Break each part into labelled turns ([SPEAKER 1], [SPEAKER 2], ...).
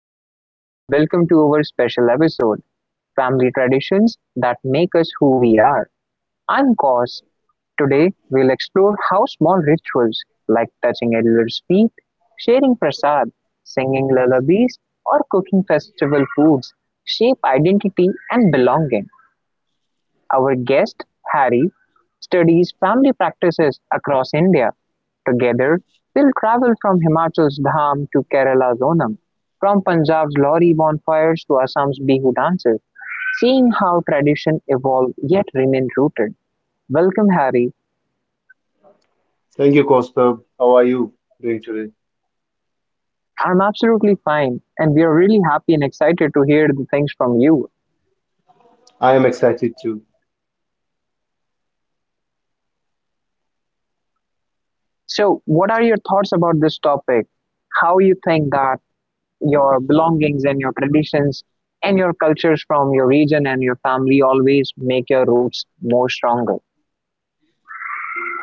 [SPEAKER 1] Namaste and welcome to our special episode, Family Traditions That Make Us Who We Are. I'm Cos. Today we'll explore how small rituals like touching elders' feet, sharing prasad, singing lullabies, or cooking festival foods shape identity and belonging. Our guest, Harry, studies family practices across India. Together, we will travel from Himachal's Dham to Kerala's Onam, from Punjab's Lohri bonfires to Assam's Bihu dances, seeing how tradition evolve yet remain rooted. Welcome, Harry.
[SPEAKER 2] Thank you, Kostab. How are you doing today?
[SPEAKER 1] I'm absolutely fine, and we are really happy and excited to hear the things from you.
[SPEAKER 2] I am excited too.
[SPEAKER 1] So, what are your thoughts about this topic? How you think that your belongings and your traditions and your cultures from your region and your family always make your roots more stronger?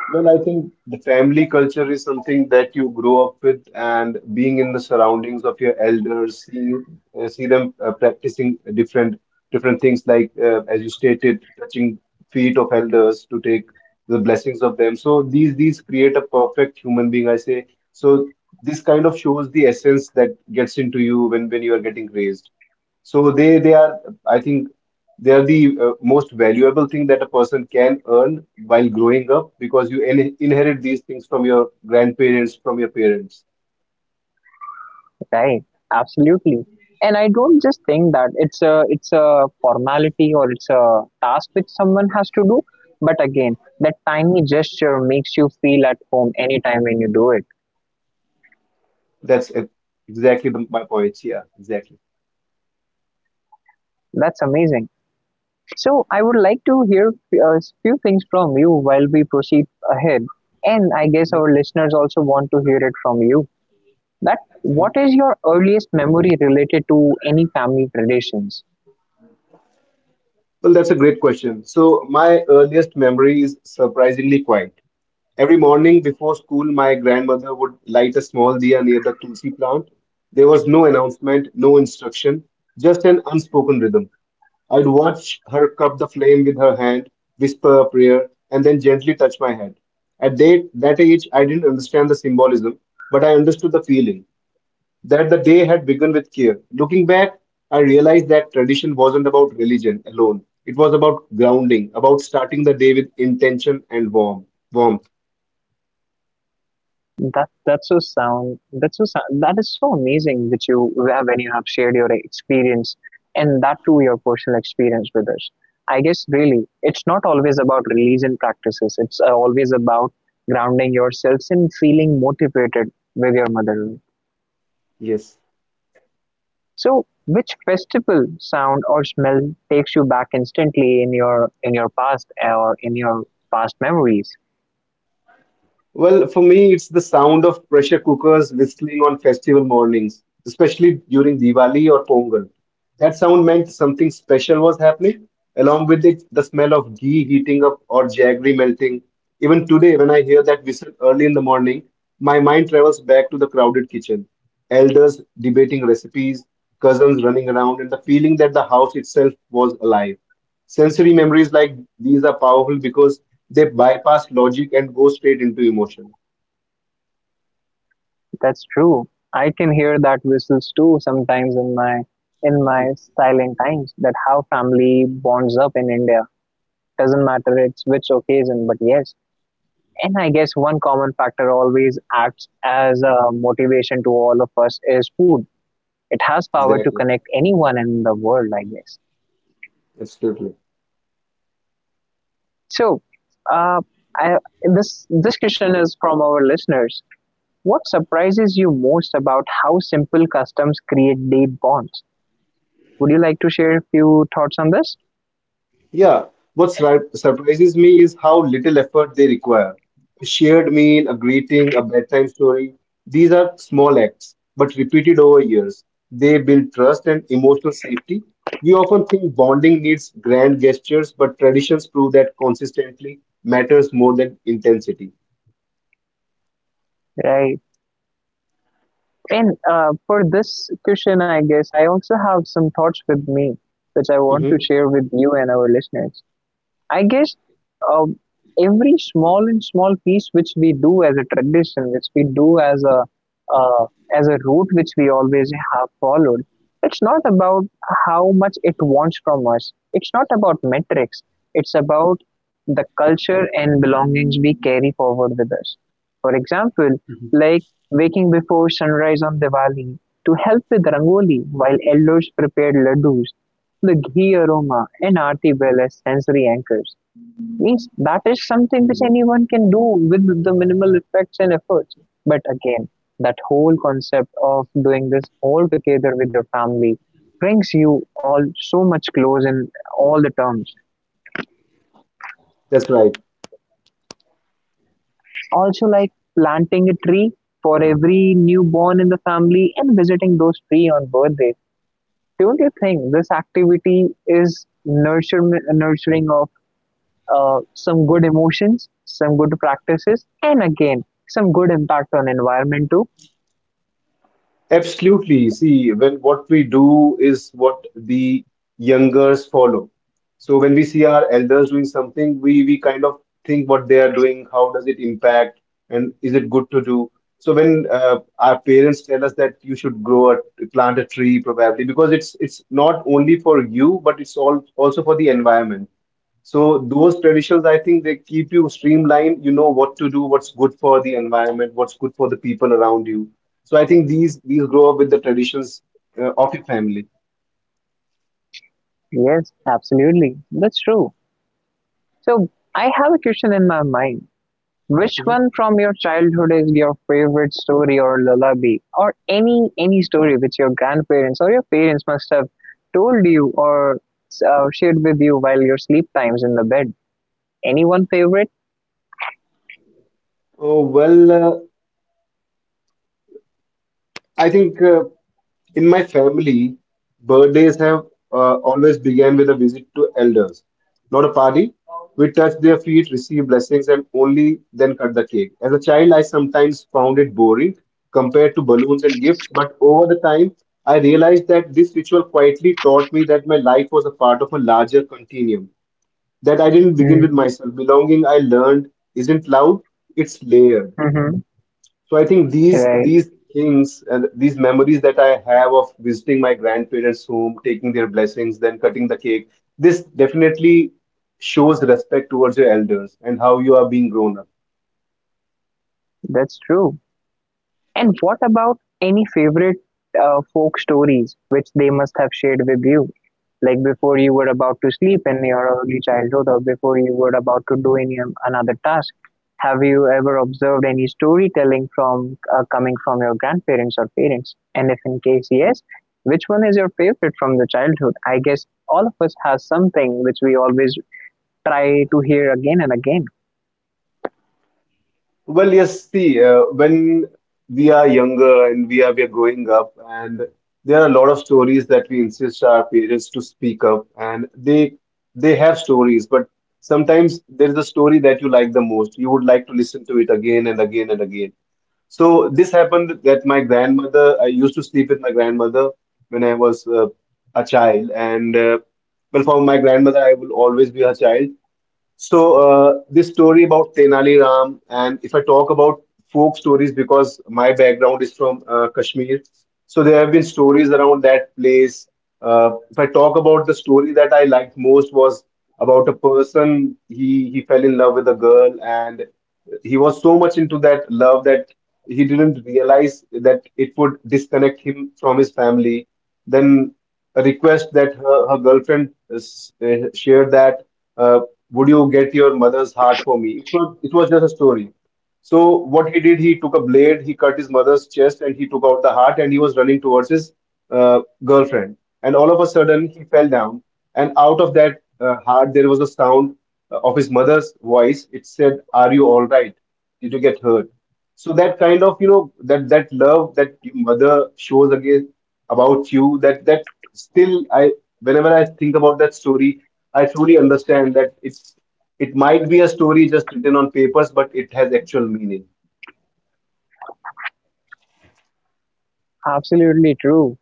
[SPEAKER 2] Well, I think the family culture is something that you grow up with, and being in the surroundings of your elders, seeing it, see them practicing different things, like as you stated, touching feet of elders to take the blessings of them. So these create a perfect human being, I say. So this kind of shows the essence that gets into you when you are getting raised. So I think They are the most valuable thing that a person can earn while growing up because you in inherit these things from your grandparents, from your parents.
[SPEAKER 1] Right, absolutely. And I don't just think that it's a formality or it's a task which someone has to do, but again, that tiny gesture makes you feel at home anytime when you do it.
[SPEAKER 2] That's e- exactly the, My point. Yeah, exactly.
[SPEAKER 1] That's amazing. So I would like to hear a few things from you while we proceed ahead, and I guess our listeners also want to hear it from you. That what is your earliest memory related to any family traditions?
[SPEAKER 2] Well, that's a great question. So, my earliest memory is surprisingly quiet. Every morning before school, my grandmother would light a small diya near the tulsi plant. There was no announcement, no instruction, just an unspoken rhythm. I'd watch her cup the flame with her hand, whisper a prayer, and then gently touch my head. At that age, I didn't understand the symbolism, but I understood the feeling that the day had begun with care. Looking back, I realized that tradition wasn't about religion alone. It was about grounding, about starting the day with intention and warmth.
[SPEAKER 1] That that's so sound. That's so sound, that is so amazing that you have when you have shared your experience, and that too your personal experience with us. I guess really it's not always about religion practices. It's always about grounding yourselves and feeling motivated with your mother.
[SPEAKER 2] Yes.
[SPEAKER 1] So which festival sound or smell takes you back instantly in your past or in your past memories?
[SPEAKER 2] Well, for me, it's the sound of pressure cookers whistling on festival mornings, especially during Diwali or Pongal. That sound meant something special was happening, along with it, the smell of ghee heating up or jaggery melting. Even today, when I hear that whistle early in the morning, my mind travels back to the crowded kitchen. Elders debating recipes, cousins running around, and the feeling that the house itself was alive. Sensory memories like these are powerful because they bypass logic and go straight into emotion.
[SPEAKER 1] That's true. I can hear that whistles too sometimes in my in my silent times. That how family bonds up in India. Doesn't matter it's which occasion, but yes. And I guess one common factor always acts as a motivation to all of us is food. It has power to
[SPEAKER 2] Exactly.
[SPEAKER 1] connect anyone in the world, I guess.
[SPEAKER 2] Absolutely.
[SPEAKER 1] So, uh, I, this question is from our listeners. What surprises you most about how simple customs create deep bonds? Would you like to share a few thoughts on this?
[SPEAKER 2] Yeah. Surprises me is how little effort they require. A shared meal, a greeting, a bedtime story. These are small acts, but repeated over years. They build trust and emotional safety. We often think bonding needs grand gestures, but traditions prove that consistently matters more than intensity.
[SPEAKER 1] Right. And for this question, I guess I also have some thoughts with me, which I want to
[SPEAKER 2] Mhm.
[SPEAKER 1] share with you and our listeners. I guess uh, every small and small piece which we do as a tradition, which we do as a uh, route which we always have followed, it's not about how much it wants from us. It's not about metrics. It's about the culture and belongings we carry forward with us. For example, like waking before sunrise on Diwali to help with rangoli while elders prepared laddus, the ghee aroma and aarti bell as sensory anchors means that is something which anyone can do with the minimal effects and efforts. But again, that whole concept of doing this all together with your family brings you all so much close in all the terms.
[SPEAKER 2] That's right.
[SPEAKER 1] Also, like planting a tree for every newborn in the family and visiting those tree on birthdays. Don't you think this activity is nurturing of some good emotions, some good practices, and again, some good impact on environment too?
[SPEAKER 2] Absolutely. See, when what we do is what the youngers follow. So when we see our elders doing something, we kind of think what they are doing, how does it impact, and is it good to do? So when our parents tell us that you should grow a plant a tree, probably because it's not only for you, but it's all also for the environment. So those traditions, I think they keep you streamlined. You know what to do, what's good for the environment, what's good for the people around you. So I think these grow up with the traditions of your family.
[SPEAKER 1] Yes, absolutely. That's true. So I have a question in my mind. Which one from your childhood is your favorite story or lullaby or any story which your grandparents or your parents must have told you or shared with you while your sleep times in the bed? Any one favorite?
[SPEAKER 2] Oh well, I think in my family, birthdays have always began with a visit to elders, not a party. We touch their feet, receive blessings, and only then cut the cake. As a child, I sometimes found it boring compared to balloons and gifts, but over the time, I realized that this ritual quietly taught me that my life was a part of a larger continuum, that I didn't begin with myself. Belonging, I learned, isn't loud, it's layered.
[SPEAKER 1] Mm-hmm.
[SPEAKER 2] So I think these
[SPEAKER 1] Right.
[SPEAKER 2] these things and these memories that I have of visiting my grandparents' home, taking their blessings, then cutting the cake, this definitely shows respect towards your elders and how you are being grown up.
[SPEAKER 1] That's true. And what about any favorite folk stories which they must have shared with you? Like before you were about to sleep in your early childhood or before you were about to do any another task. Have you ever observed any storytelling from coming from your grandparents or parents? And if in case yes, which one is your favorite from the childhood? I guess all of us has something which we always try to hear again and again.
[SPEAKER 2] Well, yes, see, when we are younger and we are growing up, and there are a lot of stories that we insist our parents to speak up, and they have stories, but sometimes there is a story that you like the most. You would like to listen to it again and again and again. So this happened that my grandmother, I used to sleep with my grandmother when I was a child, and well, for my grandmother, I will always be her child. So this story about Tenali Ram, and if I talk about folk stories, because my background is from Kashmir, so there have been stories around that place. If I talk about the story that I liked most was about a person he fell in love with a girl and he was so much into that love that he didn't realize that it would disconnect him from his family. Then a request that her girlfriend shared that, uh, would you get your mother's heart for me? It was just a story. So what he did, he took a blade, he cut his mother's chest, and he took out the heart, and he was running towards his girlfriend. And all of a sudden, he fell down, and out of that heart, there was a sound of his mother's voice. It said, "Are you all right? Did you get hurt?" So that kind of, you know, that that love that your mother shows again about you, that that still I, whenever I think about that story, I truly understand that it's, it might be a story just written on papers, but it has actual meaning.
[SPEAKER 1] Absolutely true.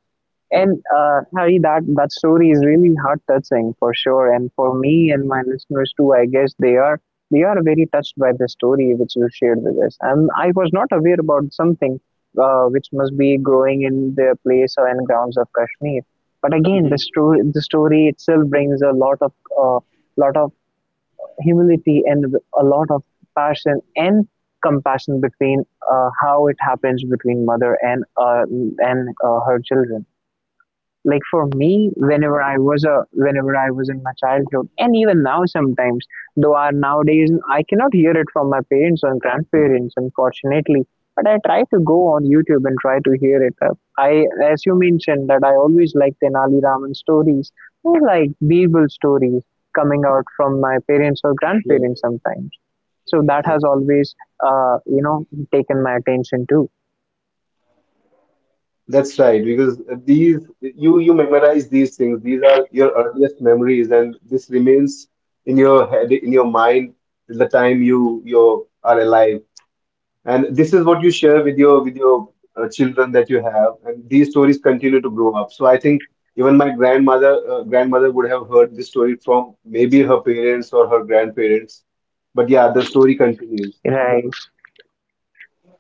[SPEAKER 1] And Harry, that story is really heart touching for sure, and for me and my listeners too. I guess they are very touched by the story which you shared with us. And I was not aware about something which must be growing in the place or in grounds of Kashmir. But again, the
[SPEAKER 2] Hmm.
[SPEAKER 1] story the story itself brings a lot of uh, lot of humility and a lot of passion and compassion between how it happens between mother and her children. Like for me, whenever I was in my childhood and even now sometimes, though nowadays I cannot hear it from my parents or grandparents unfortunately, but I try to go on YouTube and try to hear it up I As you mentioned, that I always like Tenali Raman stories or like Birbal stories coming out from my parents or
[SPEAKER 2] Yes.
[SPEAKER 1] grandparents sometimes. So that
[SPEAKER 2] Yes,
[SPEAKER 1] has always uh, you know taken my attention too.
[SPEAKER 2] that's right, because these, you memorize these things. These are your earliest memories and this remains in your head, in your mind till the time you are alive. And this is what you share with your children that you have, and these stories continue to grow up. So I think even my grandmother would have heard this story from maybe her parents or her grandparents, but yeah, the story continues.
[SPEAKER 1] Right,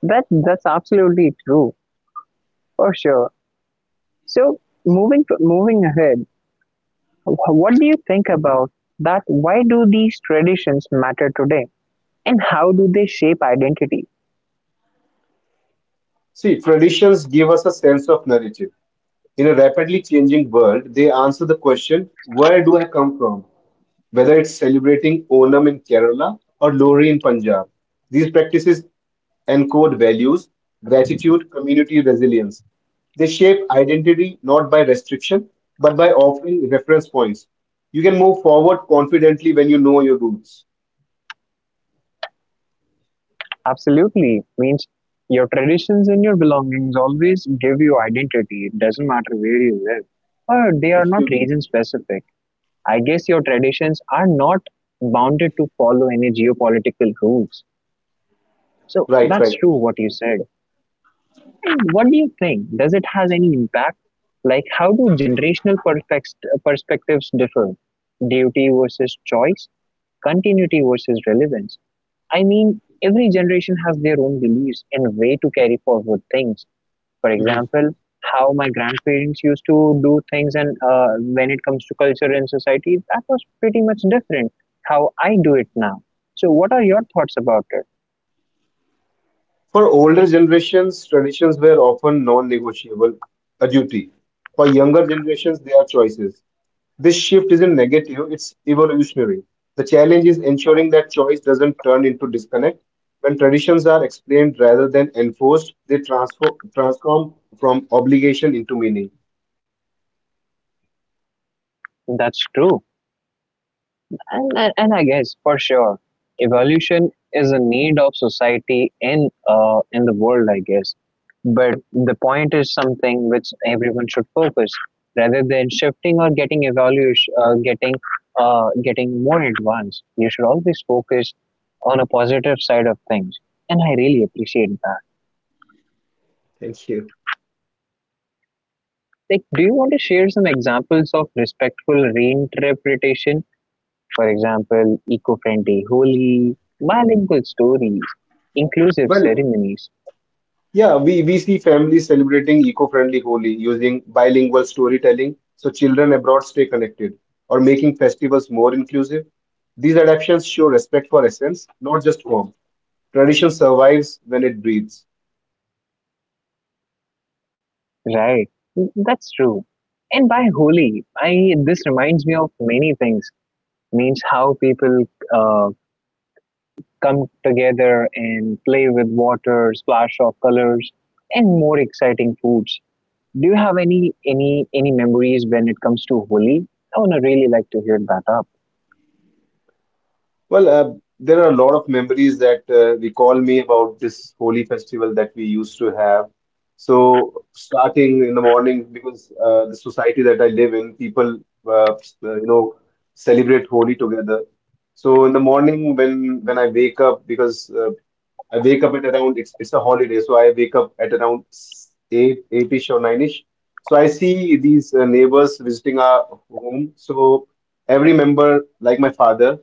[SPEAKER 1] that's absolutely true for sure. So moving ahead, what do you think about that? Why do these traditions matter today, and how do they shape identity?
[SPEAKER 2] See, traditions give us a sense of narrative. In a rapidly changing world, they answer the question, where do I come from? Whether it's celebrating Onam in Kerala or Lohri in Punjab, these practices encode values, gratitude, community resilience. They shape identity not by restriction, but by offering reference points. You can move forward confidently when you know your roots.
[SPEAKER 1] Absolutely. Means your traditions and your belongings always give you identity. It doesn't matter where you live. Or they are not
[SPEAKER 2] Absolutely.
[SPEAKER 1] region specific. I guess your traditions are not bounded to follow any geopolitical rules. So that's
[SPEAKER 2] Right.
[SPEAKER 1] true what you said. What do you think? Does it has any impact? Like how do generational perspectives differ? Duty versus choice, continuity versus relevance. I mean, every generation has their own beliefs and way to carry forward things. For example, how my grandparents used to do things, and when it comes to culture and society, that was pretty much different how I do it now. So, what are your thoughts about it?
[SPEAKER 2] For older generations, traditions were often non negotiable, a duty. For younger generations, they are choices. This shift isn't negative, it's evolutionary. The challenge is ensuring that choice doesn't turn into disconnect. When traditions are explained rather than enforced, they transform from obligation into meaning.
[SPEAKER 1] That's true. And I guess for sure, evolution is a need of society in the world, I guess. But the point is something which everyone should focus rather than shifting or getting evaluation, getting getting more advanced. You should always focus on a positive side of things, and I really appreciate that.
[SPEAKER 2] Thank you.
[SPEAKER 1] Like, do you want to share some examples of respectful reinterpretation? For example, eco-friendly Holi, bilingual stories, inclusive
[SPEAKER 2] Well,
[SPEAKER 1] ceremonies.
[SPEAKER 2] Yeah, we see families celebrating eco-friendly Holi using bilingual storytelling so children abroad stay connected or making festivals more inclusive. These adaptations show respect for essence, not just form. Tradition survives when it breathes.
[SPEAKER 1] Right, that's true. And by Holi, I this reminds me of many things. Means how people uh, come together and play with water, splash of colors, and more exciting foods. Do you have any memories when it comes to Holi? I wanna really like to hear that up.
[SPEAKER 2] Well, there are a lot of memories that recall me about this holy festival that we used to have. So, starting in the morning, because the society that I live in, you know, celebrate Holi together. So, in the morning, when I wake up, because I wake up at around, it's a holiday, so I wake up at around eight eight-ish or nine-ish. So I see these neighbors visiting our home. So every member, like my father,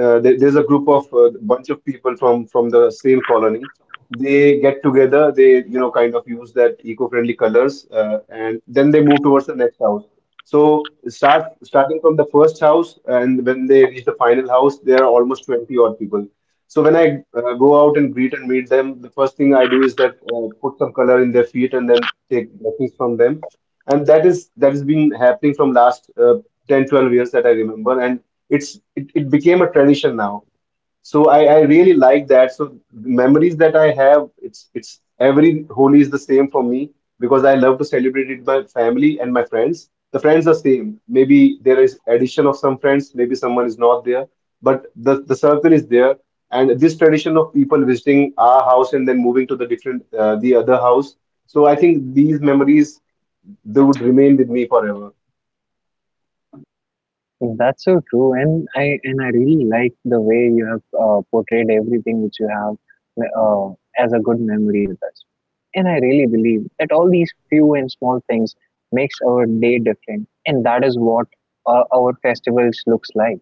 [SPEAKER 2] there's a group of bunch of people from the same colony. They get together. They, you know, kind of use that eco-friendly colors, and then they move towards the next house. So starting from the first house, and when they reach the final house, there are almost 20 odd people. So when I go out and greet and meet them, the first thing I do is that put some color in their feet and then take blessings from them. And that is that has been happening from last 10, 12 years that I remember, and it became a tradition now. So I really like that. So memories that I have, it's every Holi is the same for me because I love to celebrate it with my family and my friends. The friends are same. Maybe there is addition of some friends, maybe someone is not there, but the circle is there. And this tradition of people visiting our house and then moving to the different the other house. So I think these memories they would remain with me forever.
[SPEAKER 1] That's so true, and I really like the way you have portrayed everything which you have uh, as a good memory with us. And I really believe that all these few and small things makes our day different, and that is what our festivals looks like.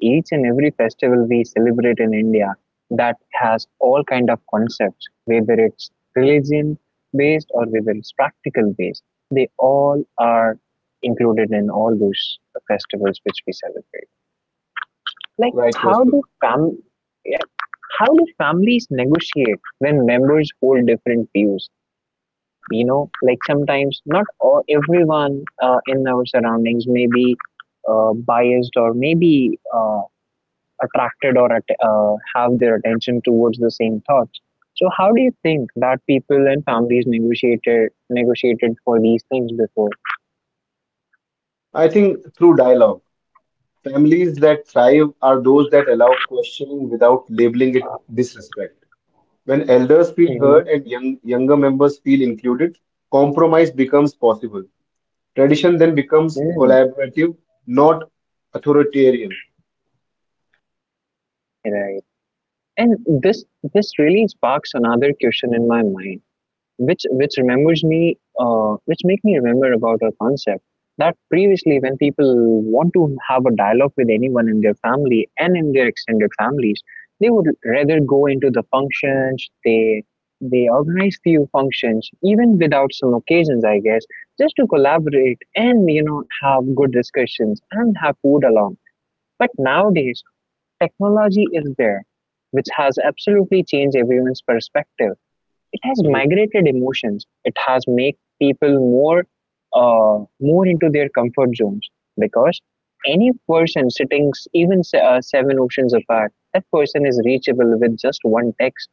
[SPEAKER 1] Each and every festival we celebrate in India that has all kind of concepts, whether it's religion based or whether it's practical based. They all are included in all those festivals which we celebrate. Like
[SPEAKER 2] Right,
[SPEAKER 1] how
[SPEAKER 2] Gospel.
[SPEAKER 1] do fam- yeah, how do families negotiate when members hold different views? You know, like sometimes not all, everyone in our surroundings may be biased or maybe attracted or have their attention towards the same thoughts. So how do you think that people and families negotiated for these things before?
[SPEAKER 2] I think through dialogue. Families that thrive are those that allow questioning without labeling it disrespect. When elders feel heard
[SPEAKER 1] Mm-hmm.
[SPEAKER 2] and younger members feel included, compromise becomes possible. Tradition then becomes
[SPEAKER 1] Mm.
[SPEAKER 2] collaborative, not authoritarian.
[SPEAKER 1] Right. And this this really sparks another question in my mind which make me remember about our concept that previously when people want to have a dialogue with anyone in their family and in their extended families, they would rather go into the functions. They organize few functions even without some occasions, I guess, just to collaborate and have good discussions and have food along. But nowadays technology is there, which has absolutely changed everyone's perspective. It has
[SPEAKER 2] Mhm.
[SPEAKER 1] migrated emotions. It has made people more into their comfort zones, because any person sitting seven oceans apart, that person is reachable with just one text.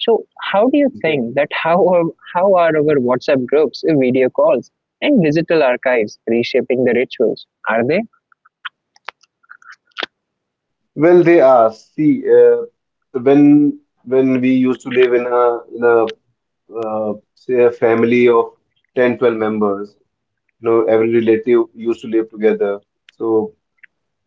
[SPEAKER 1] So how do you think
[SPEAKER 2] Exactly.
[SPEAKER 1] that how are our WhatsApp groups, video calls, and digital archives reshaping the rituals? Are they
[SPEAKER 2] Well, they are. See, uh, when when we used to live in a in a uh, say a family of 10, 12 members, you know, every relative used to live together. So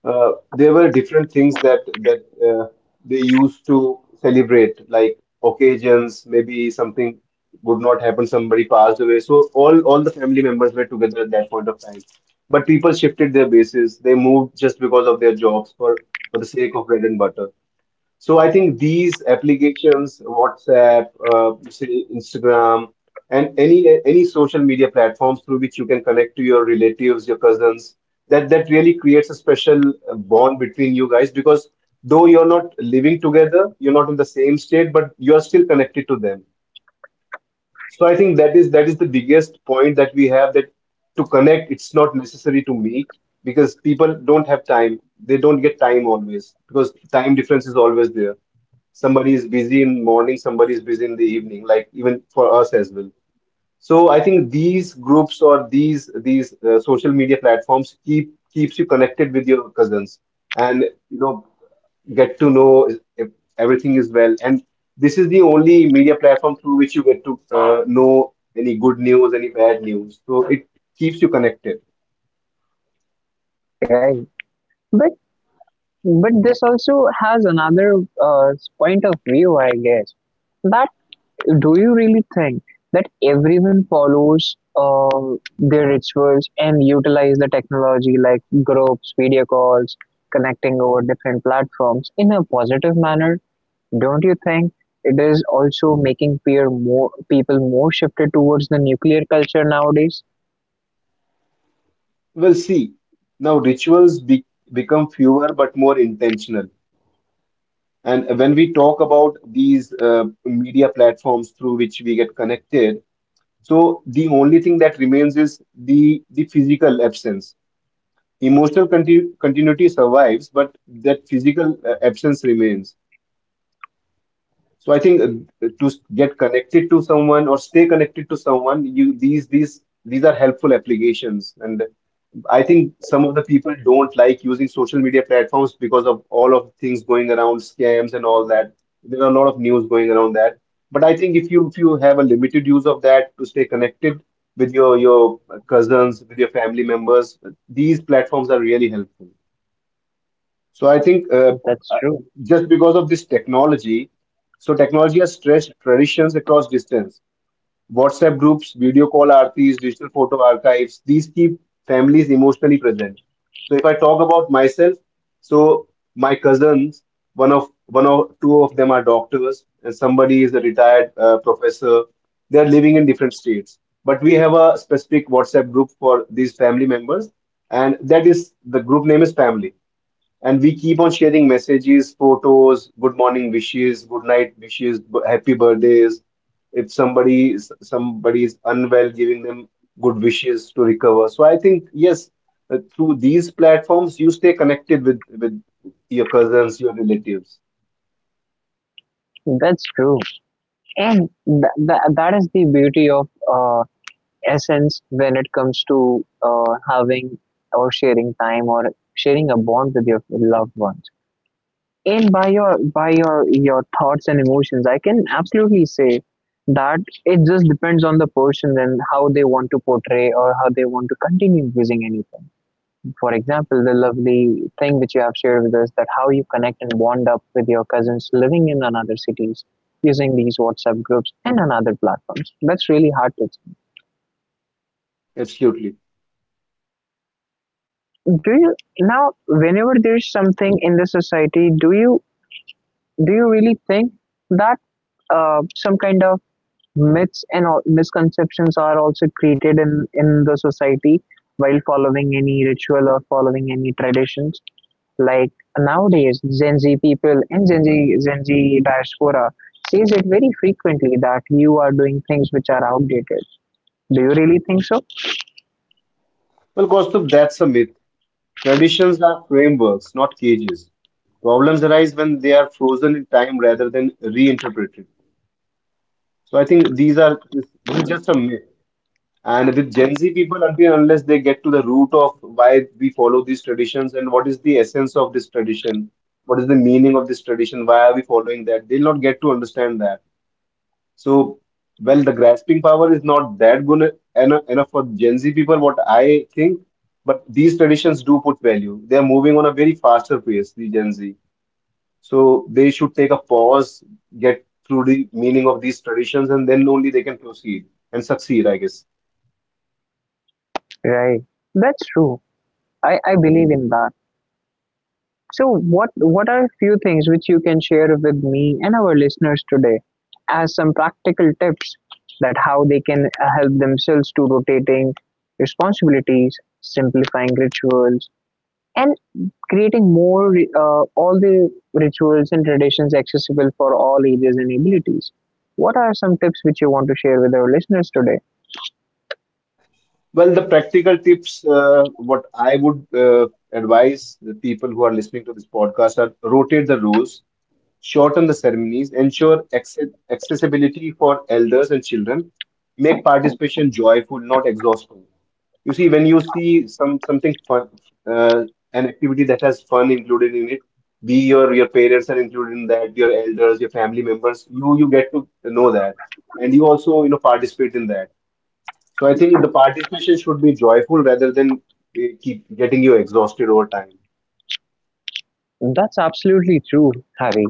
[SPEAKER 2] there were different things that that they used to celebrate, like occasions, maybe something would not happen, somebody passed away. So all the family members were together at that point of time. But people shifted their bases. They moved just because of their jobs for the sake of bread and butter. So I think these applications, WhatsApp, say Instagram, and any social media platforms through which you can connect to your relatives, your cousins, that really creates a special bond between you guys because though you're not living together, you're not in the same state, but you are still connected to them. So I think that is the biggest point that we have, that to connect, it's not necessary to meet because people don't have time. They don't get time always because time difference is always there. Somebody is busy in morning, somebody is busy in the evening, like even for us as well. So I think these groups or these social media platforms keeps you connected with your cousins and you know get to know if everything is well. And this is the only media platform through which you get to know any good news, any bad news, so it keeps you connected.
[SPEAKER 1] right? But but this also has another uh, point of view, I guess, that do you really think that everyone follows their rituals and utilize the technology like groups, video calls, connecting over different platforms in a positive manner? Don't you think it is also making peer more people more shifted towards the nuclear culture nowadays?
[SPEAKER 2] We'll see, now become fewer but more intentional. And when we talk about these media platforms through which we get connected, so the only thing that remains is the physical absence. Continuity survives, but that physical absence remains. So I think to get connected to someone or stay connected to someone, you, these are helpful applications. And I think some of the people don't like using social media platforms because of all of things going around, scams and all that. There are a lot of news going around that. But I think if you have a limited use of that to stay connected with your cousins, with your family members, these platforms are really helpful. So I think
[SPEAKER 1] That's
[SPEAKER 2] uh,
[SPEAKER 1] true.
[SPEAKER 2] just because of this technology, so technology has stretched traditions across distance. WhatsApp groups, video call RPs, digital photo archives, these keep families emotionally present. So if I talk about myself, so my cousins, one of two of them are doctors, and somebody is a retired professor. They are living in different states, but we have a specific WhatsApp group for these family members, and that is, the group name is family, and we keep on sharing messages, photos, good morning wishes, good night wishes, happy birthdays. If somebody is unwell, giving them good wishes to recover. So I think, yes, through these platforms, you stay connected with your cousins, your relatives.
[SPEAKER 1] That's true, and that is the beauty of uh, essence when it comes to having or sharing time or sharing a bond with your loved ones and by your thoughts and emotions I can absolutely say that it just depends on the person and how they want to portray or how they want to continue using anything. For example, the lovely thing which you have shared with us, that how you connect and bond up with your cousins living in another cities using these WhatsApp groups and another platforms, that's really hard to.
[SPEAKER 2] Absolutely.
[SPEAKER 1] Do you Now, whenever there's something in the society, do you really think that some kind of myths and all, misconceptions are also created in the society while following any ritual or following any traditions? Like nowadays, Gen Z people and Gen Z diaspora says it very frequently that you are doing things which are outdated. Do you really think so?
[SPEAKER 2] Well, Kaustav, that's a myth. Traditions are frameworks, not cages. Problems arise when they are frozen in time rather than reinterpreted. So I think this is just a myth. And with Gen Z people, until and unless they get to the root of why we follow these traditions and what is the essence of this tradition, what is the meaning of this tradition, why are we following that, they'll not get to understand that. So, well, the grasping power is not that good enough, for Gen Z people, what I think, but these traditions do put value. They're moving on a very faster pace, the Gen Z. So, they should take a pause, get through the meaning of these traditions, and then only they can proceed and succeed, I guess.
[SPEAKER 1] Right. That's true. I believe in that. So what are a few things which you can share with me and our listeners today as some practical tips, that how they can help themselves to rotating responsibilities, simplifying rituals and creating more all the rituals and traditions accessible for all ages and abilities? What are some tips which you want to share with our listeners today?
[SPEAKER 2] Well, the practical tips, what I would advise the people who are listening to this podcast are: rotate the roles, shorten the ceremonies, ensure accessibility for elders and children, make participation joyful, not exhausting. You see, when you see something fun, uh, an activity that has fun included in it, be your parents are included in that, your elders, your family members, you get to know that, and you also, you know, participate in that. So I think the participation should be joyful rather than keep getting you exhausted over time.
[SPEAKER 1] That's absolutely true, Harry.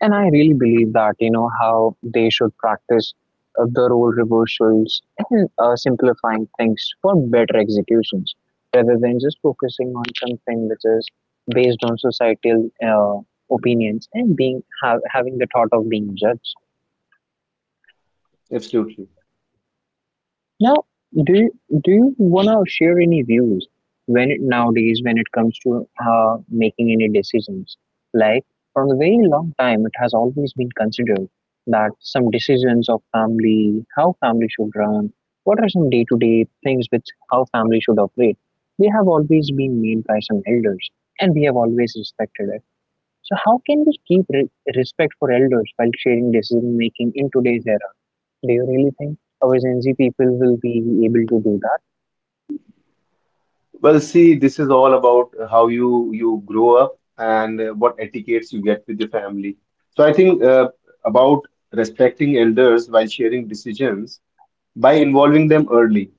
[SPEAKER 1] And I really believe that, you know, how they should practice the role reversals and simplifying things for better executions rather than just focusing on something which is based on societal opinions and being having the thought of being judged.
[SPEAKER 2] Absolutely.
[SPEAKER 1] Now, do you wanna share any views when it, nowadays when it comes to making any decisions? Like from a very long time, it has always been considered that some decisions of family, how family should run, what are some day-to-day things with how family should operate, they have always been made by some elders, and we have always respected it. So how can we keep respect for elders while sharing decision making in today's era? Do you really think our Gen Z people will be able to do that?
[SPEAKER 2] Well, see, this is all about how you grow up and what etiquettes you get with your family. So I think about respecting elders while sharing decisions by involving them early.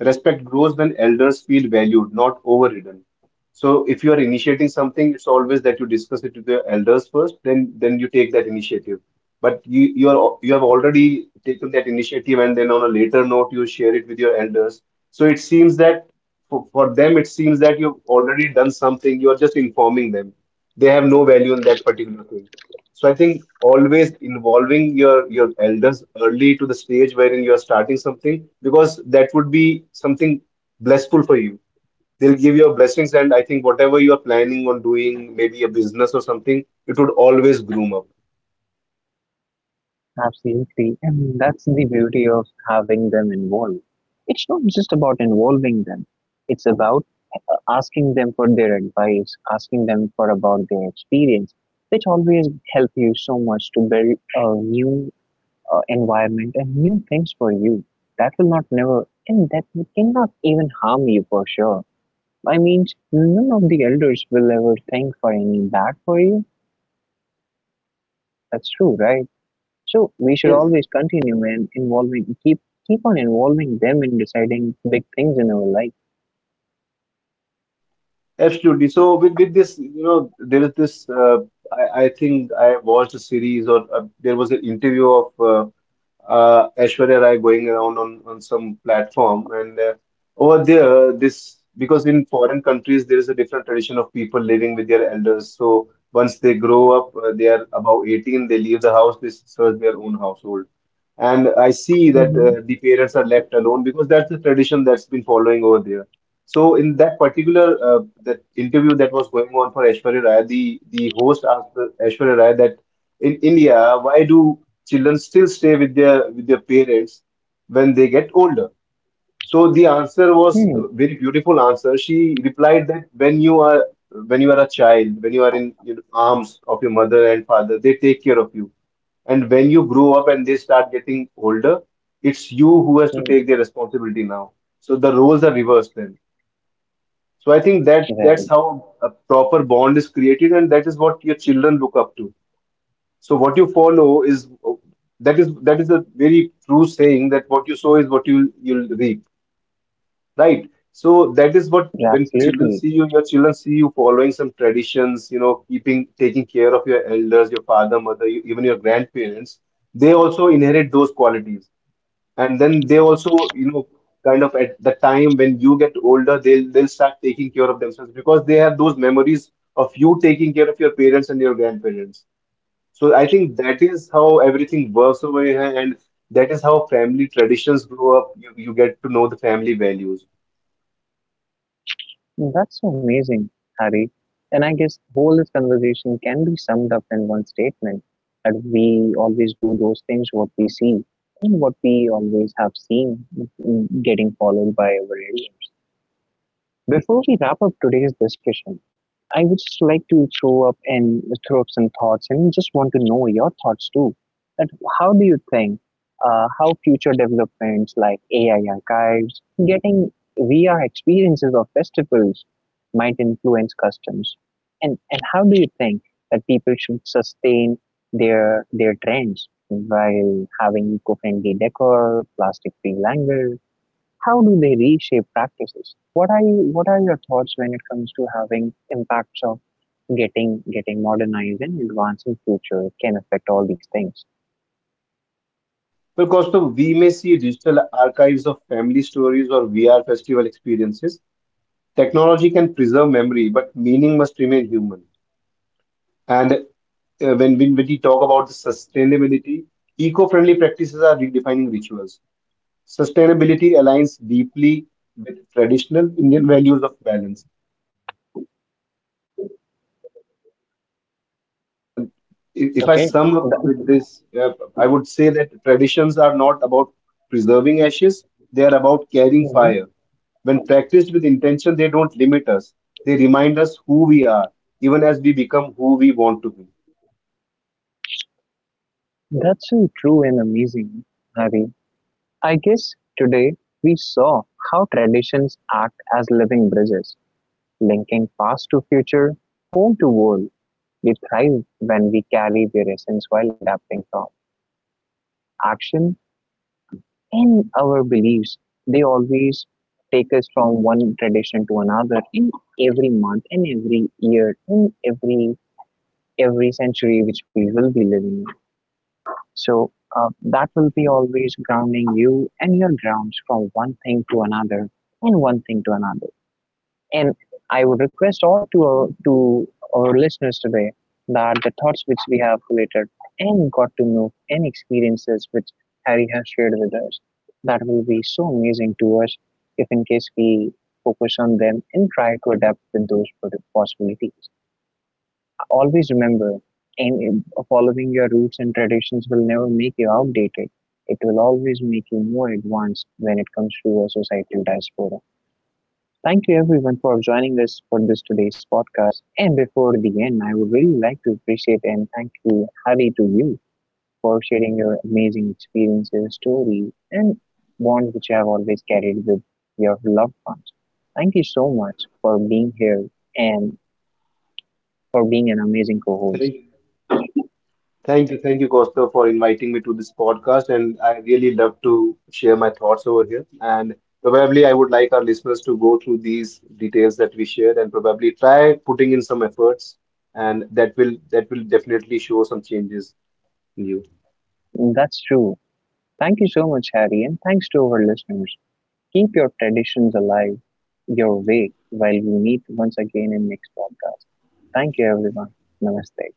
[SPEAKER 2] Respect grows when elders feel valued, not overridden. So if you are initiating something, it's always that you discuss it with the elders first, then you take that initiative. But you have already taken that initiative, and then on a later note you share it with your elders. So it seems that for them it seems that you've already done something. You are just informing them. They have no value in that particular thing. So I think always involving your elders early to the stage wherein you are starting something, because that would be something blissful for you. They'll give your blessings, and I think whatever you are planning on doing, maybe a business or something, it would always groom up.
[SPEAKER 1] Absolutely. And that's the beauty of having them involved. It's not just about involving them, it's about asking them for their advice, asking them for about their experience, which always help you so much to build a new environment and new things for you. That will not never, and that cannot even harm you for sure. I mean, none of the elders will ever think for any bad for you. That's true, right? So we should
[SPEAKER 2] Yes.
[SPEAKER 1] always continue and involving keep keep on involving them in deciding big things in our life.
[SPEAKER 2] Absolutely. So with this, you know, there is this. I think I watched a series, or there was an interview of Aishwarya Rai going around on some platform. And over there, this, because in foreign countries there is a different tradition of people living with their elders. So once they grow up, they are above 18, they leave the house, they search their own household. And I see that
[SPEAKER 1] Mm-hmm.
[SPEAKER 2] the parents are left alone because that's the tradition that's been following over there. So in that particular that interview that was going on for Aishwarya Rai, the host asked Aishwarya Rai that, in India, why do children still stay with their parents when they get older? So the answer was
[SPEAKER 1] Hmm.
[SPEAKER 2] a very beautiful answer. She replied that, when you are, when you are a child, when you are in, you know, arms of your mother and father, they take care of you. And when you grow up and they start getting older, it's you who has to
[SPEAKER 1] Hmm.
[SPEAKER 2] take their responsibility now. So the roles are reversed then. So I think that's
[SPEAKER 1] Right.
[SPEAKER 2] how a proper bond is created, and that is what your children look up to. So what you follow is, that is a very true saying, that what you sow is what you'll reap, right? So that is what, when children
[SPEAKER 1] Absolutely.
[SPEAKER 2] see you, your children see you following some traditions, you know, keeping, taking care of your elders, your father, mother, even your grandparents. They also inherit those qualities, and then they also, you know, kind of, at the time when you get older, they'll start taking care of themselves because they have those memories of you taking care of your parents and your grandparents. So I think that is how everything works over here, and that is how family traditions grow up. You get to know the family values.
[SPEAKER 1] That's so amazing, Hari. And I guess whole this conversation can be summed up in one statement that we always do those things what we see and what we always have seen, getting followed by our elders. Before we wrap up today's discussion, I would just like to throw up and throw up some thoughts, and just want to know your thoughts too. That how do you think how future developments like AI archives, getting VR experiences of festivals might influence customs, and how do you think that people should sustain their trends while having eco-friendly decor, plastic-free language, how do they reshape practices? What are your thoughts when it comes to having impacts of getting modernized and advancing future? It can affect all these things.
[SPEAKER 2] Because, so we may see digital archives of family stories or VR festival experiences. Technology can preserve memory, but meaning must remain human. And when, when we talk about the sustainability, eco-friendly practices are redefining rituals. Sustainability aligns deeply with traditional Indian values of balance. And if I
[SPEAKER 1] Okay.
[SPEAKER 2] sum up
[SPEAKER 1] That-
[SPEAKER 2] with this, I would say that traditions are not about preserving ashes; they are about carrying
[SPEAKER 1] Mhm.
[SPEAKER 2] fire. When practiced with intention, they don't limit us; they remind us who we are, even as we become who we want to be.
[SPEAKER 1] That's so true and amazing, Hari. I guess today we saw how traditions act as living bridges, linking past to future, home to world. We thrive when we carry their essence while adapting from action in our beliefs. They always take us from one tradition to another in every month, in every year, in every century which we will be living in. So that will be always grounding you and your grounds from one thing to another and one thing to another. And I would request all to to our listeners today that the thoughts which we have related and got to know and experiences which Harry has shared with us, that will be so amazing to us if in case we focus on them and try to adapt with those possibilities. Always remember, and following your roots and traditions will never make you outdated. It will always make you more advanced when it comes to a societal diaspora. Thank you everyone for joining us for this today's podcast. And before the end, I would really like to appreciate and thank you, Hari, to you for sharing your amazing experiences, stories, and bonds which you have always carried with your loved ones. Thank you so much for being here and for being an amazing
[SPEAKER 2] Thank you.
[SPEAKER 1] co-host.
[SPEAKER 2] Thank you, Costa, for inviting me to this podcast. And I really love to share my thoughts over here. And probably I would like our listeners to go through these details that we shared and probably try putting in some efforts. And that will definitely show some changes in you.
[SPEAKER 1] That's true. Thank you so much, Harry, and thanks to our listeners. Keep your traditions alive your way while we meet once again in next podcast. Thank you everyone. Namaste.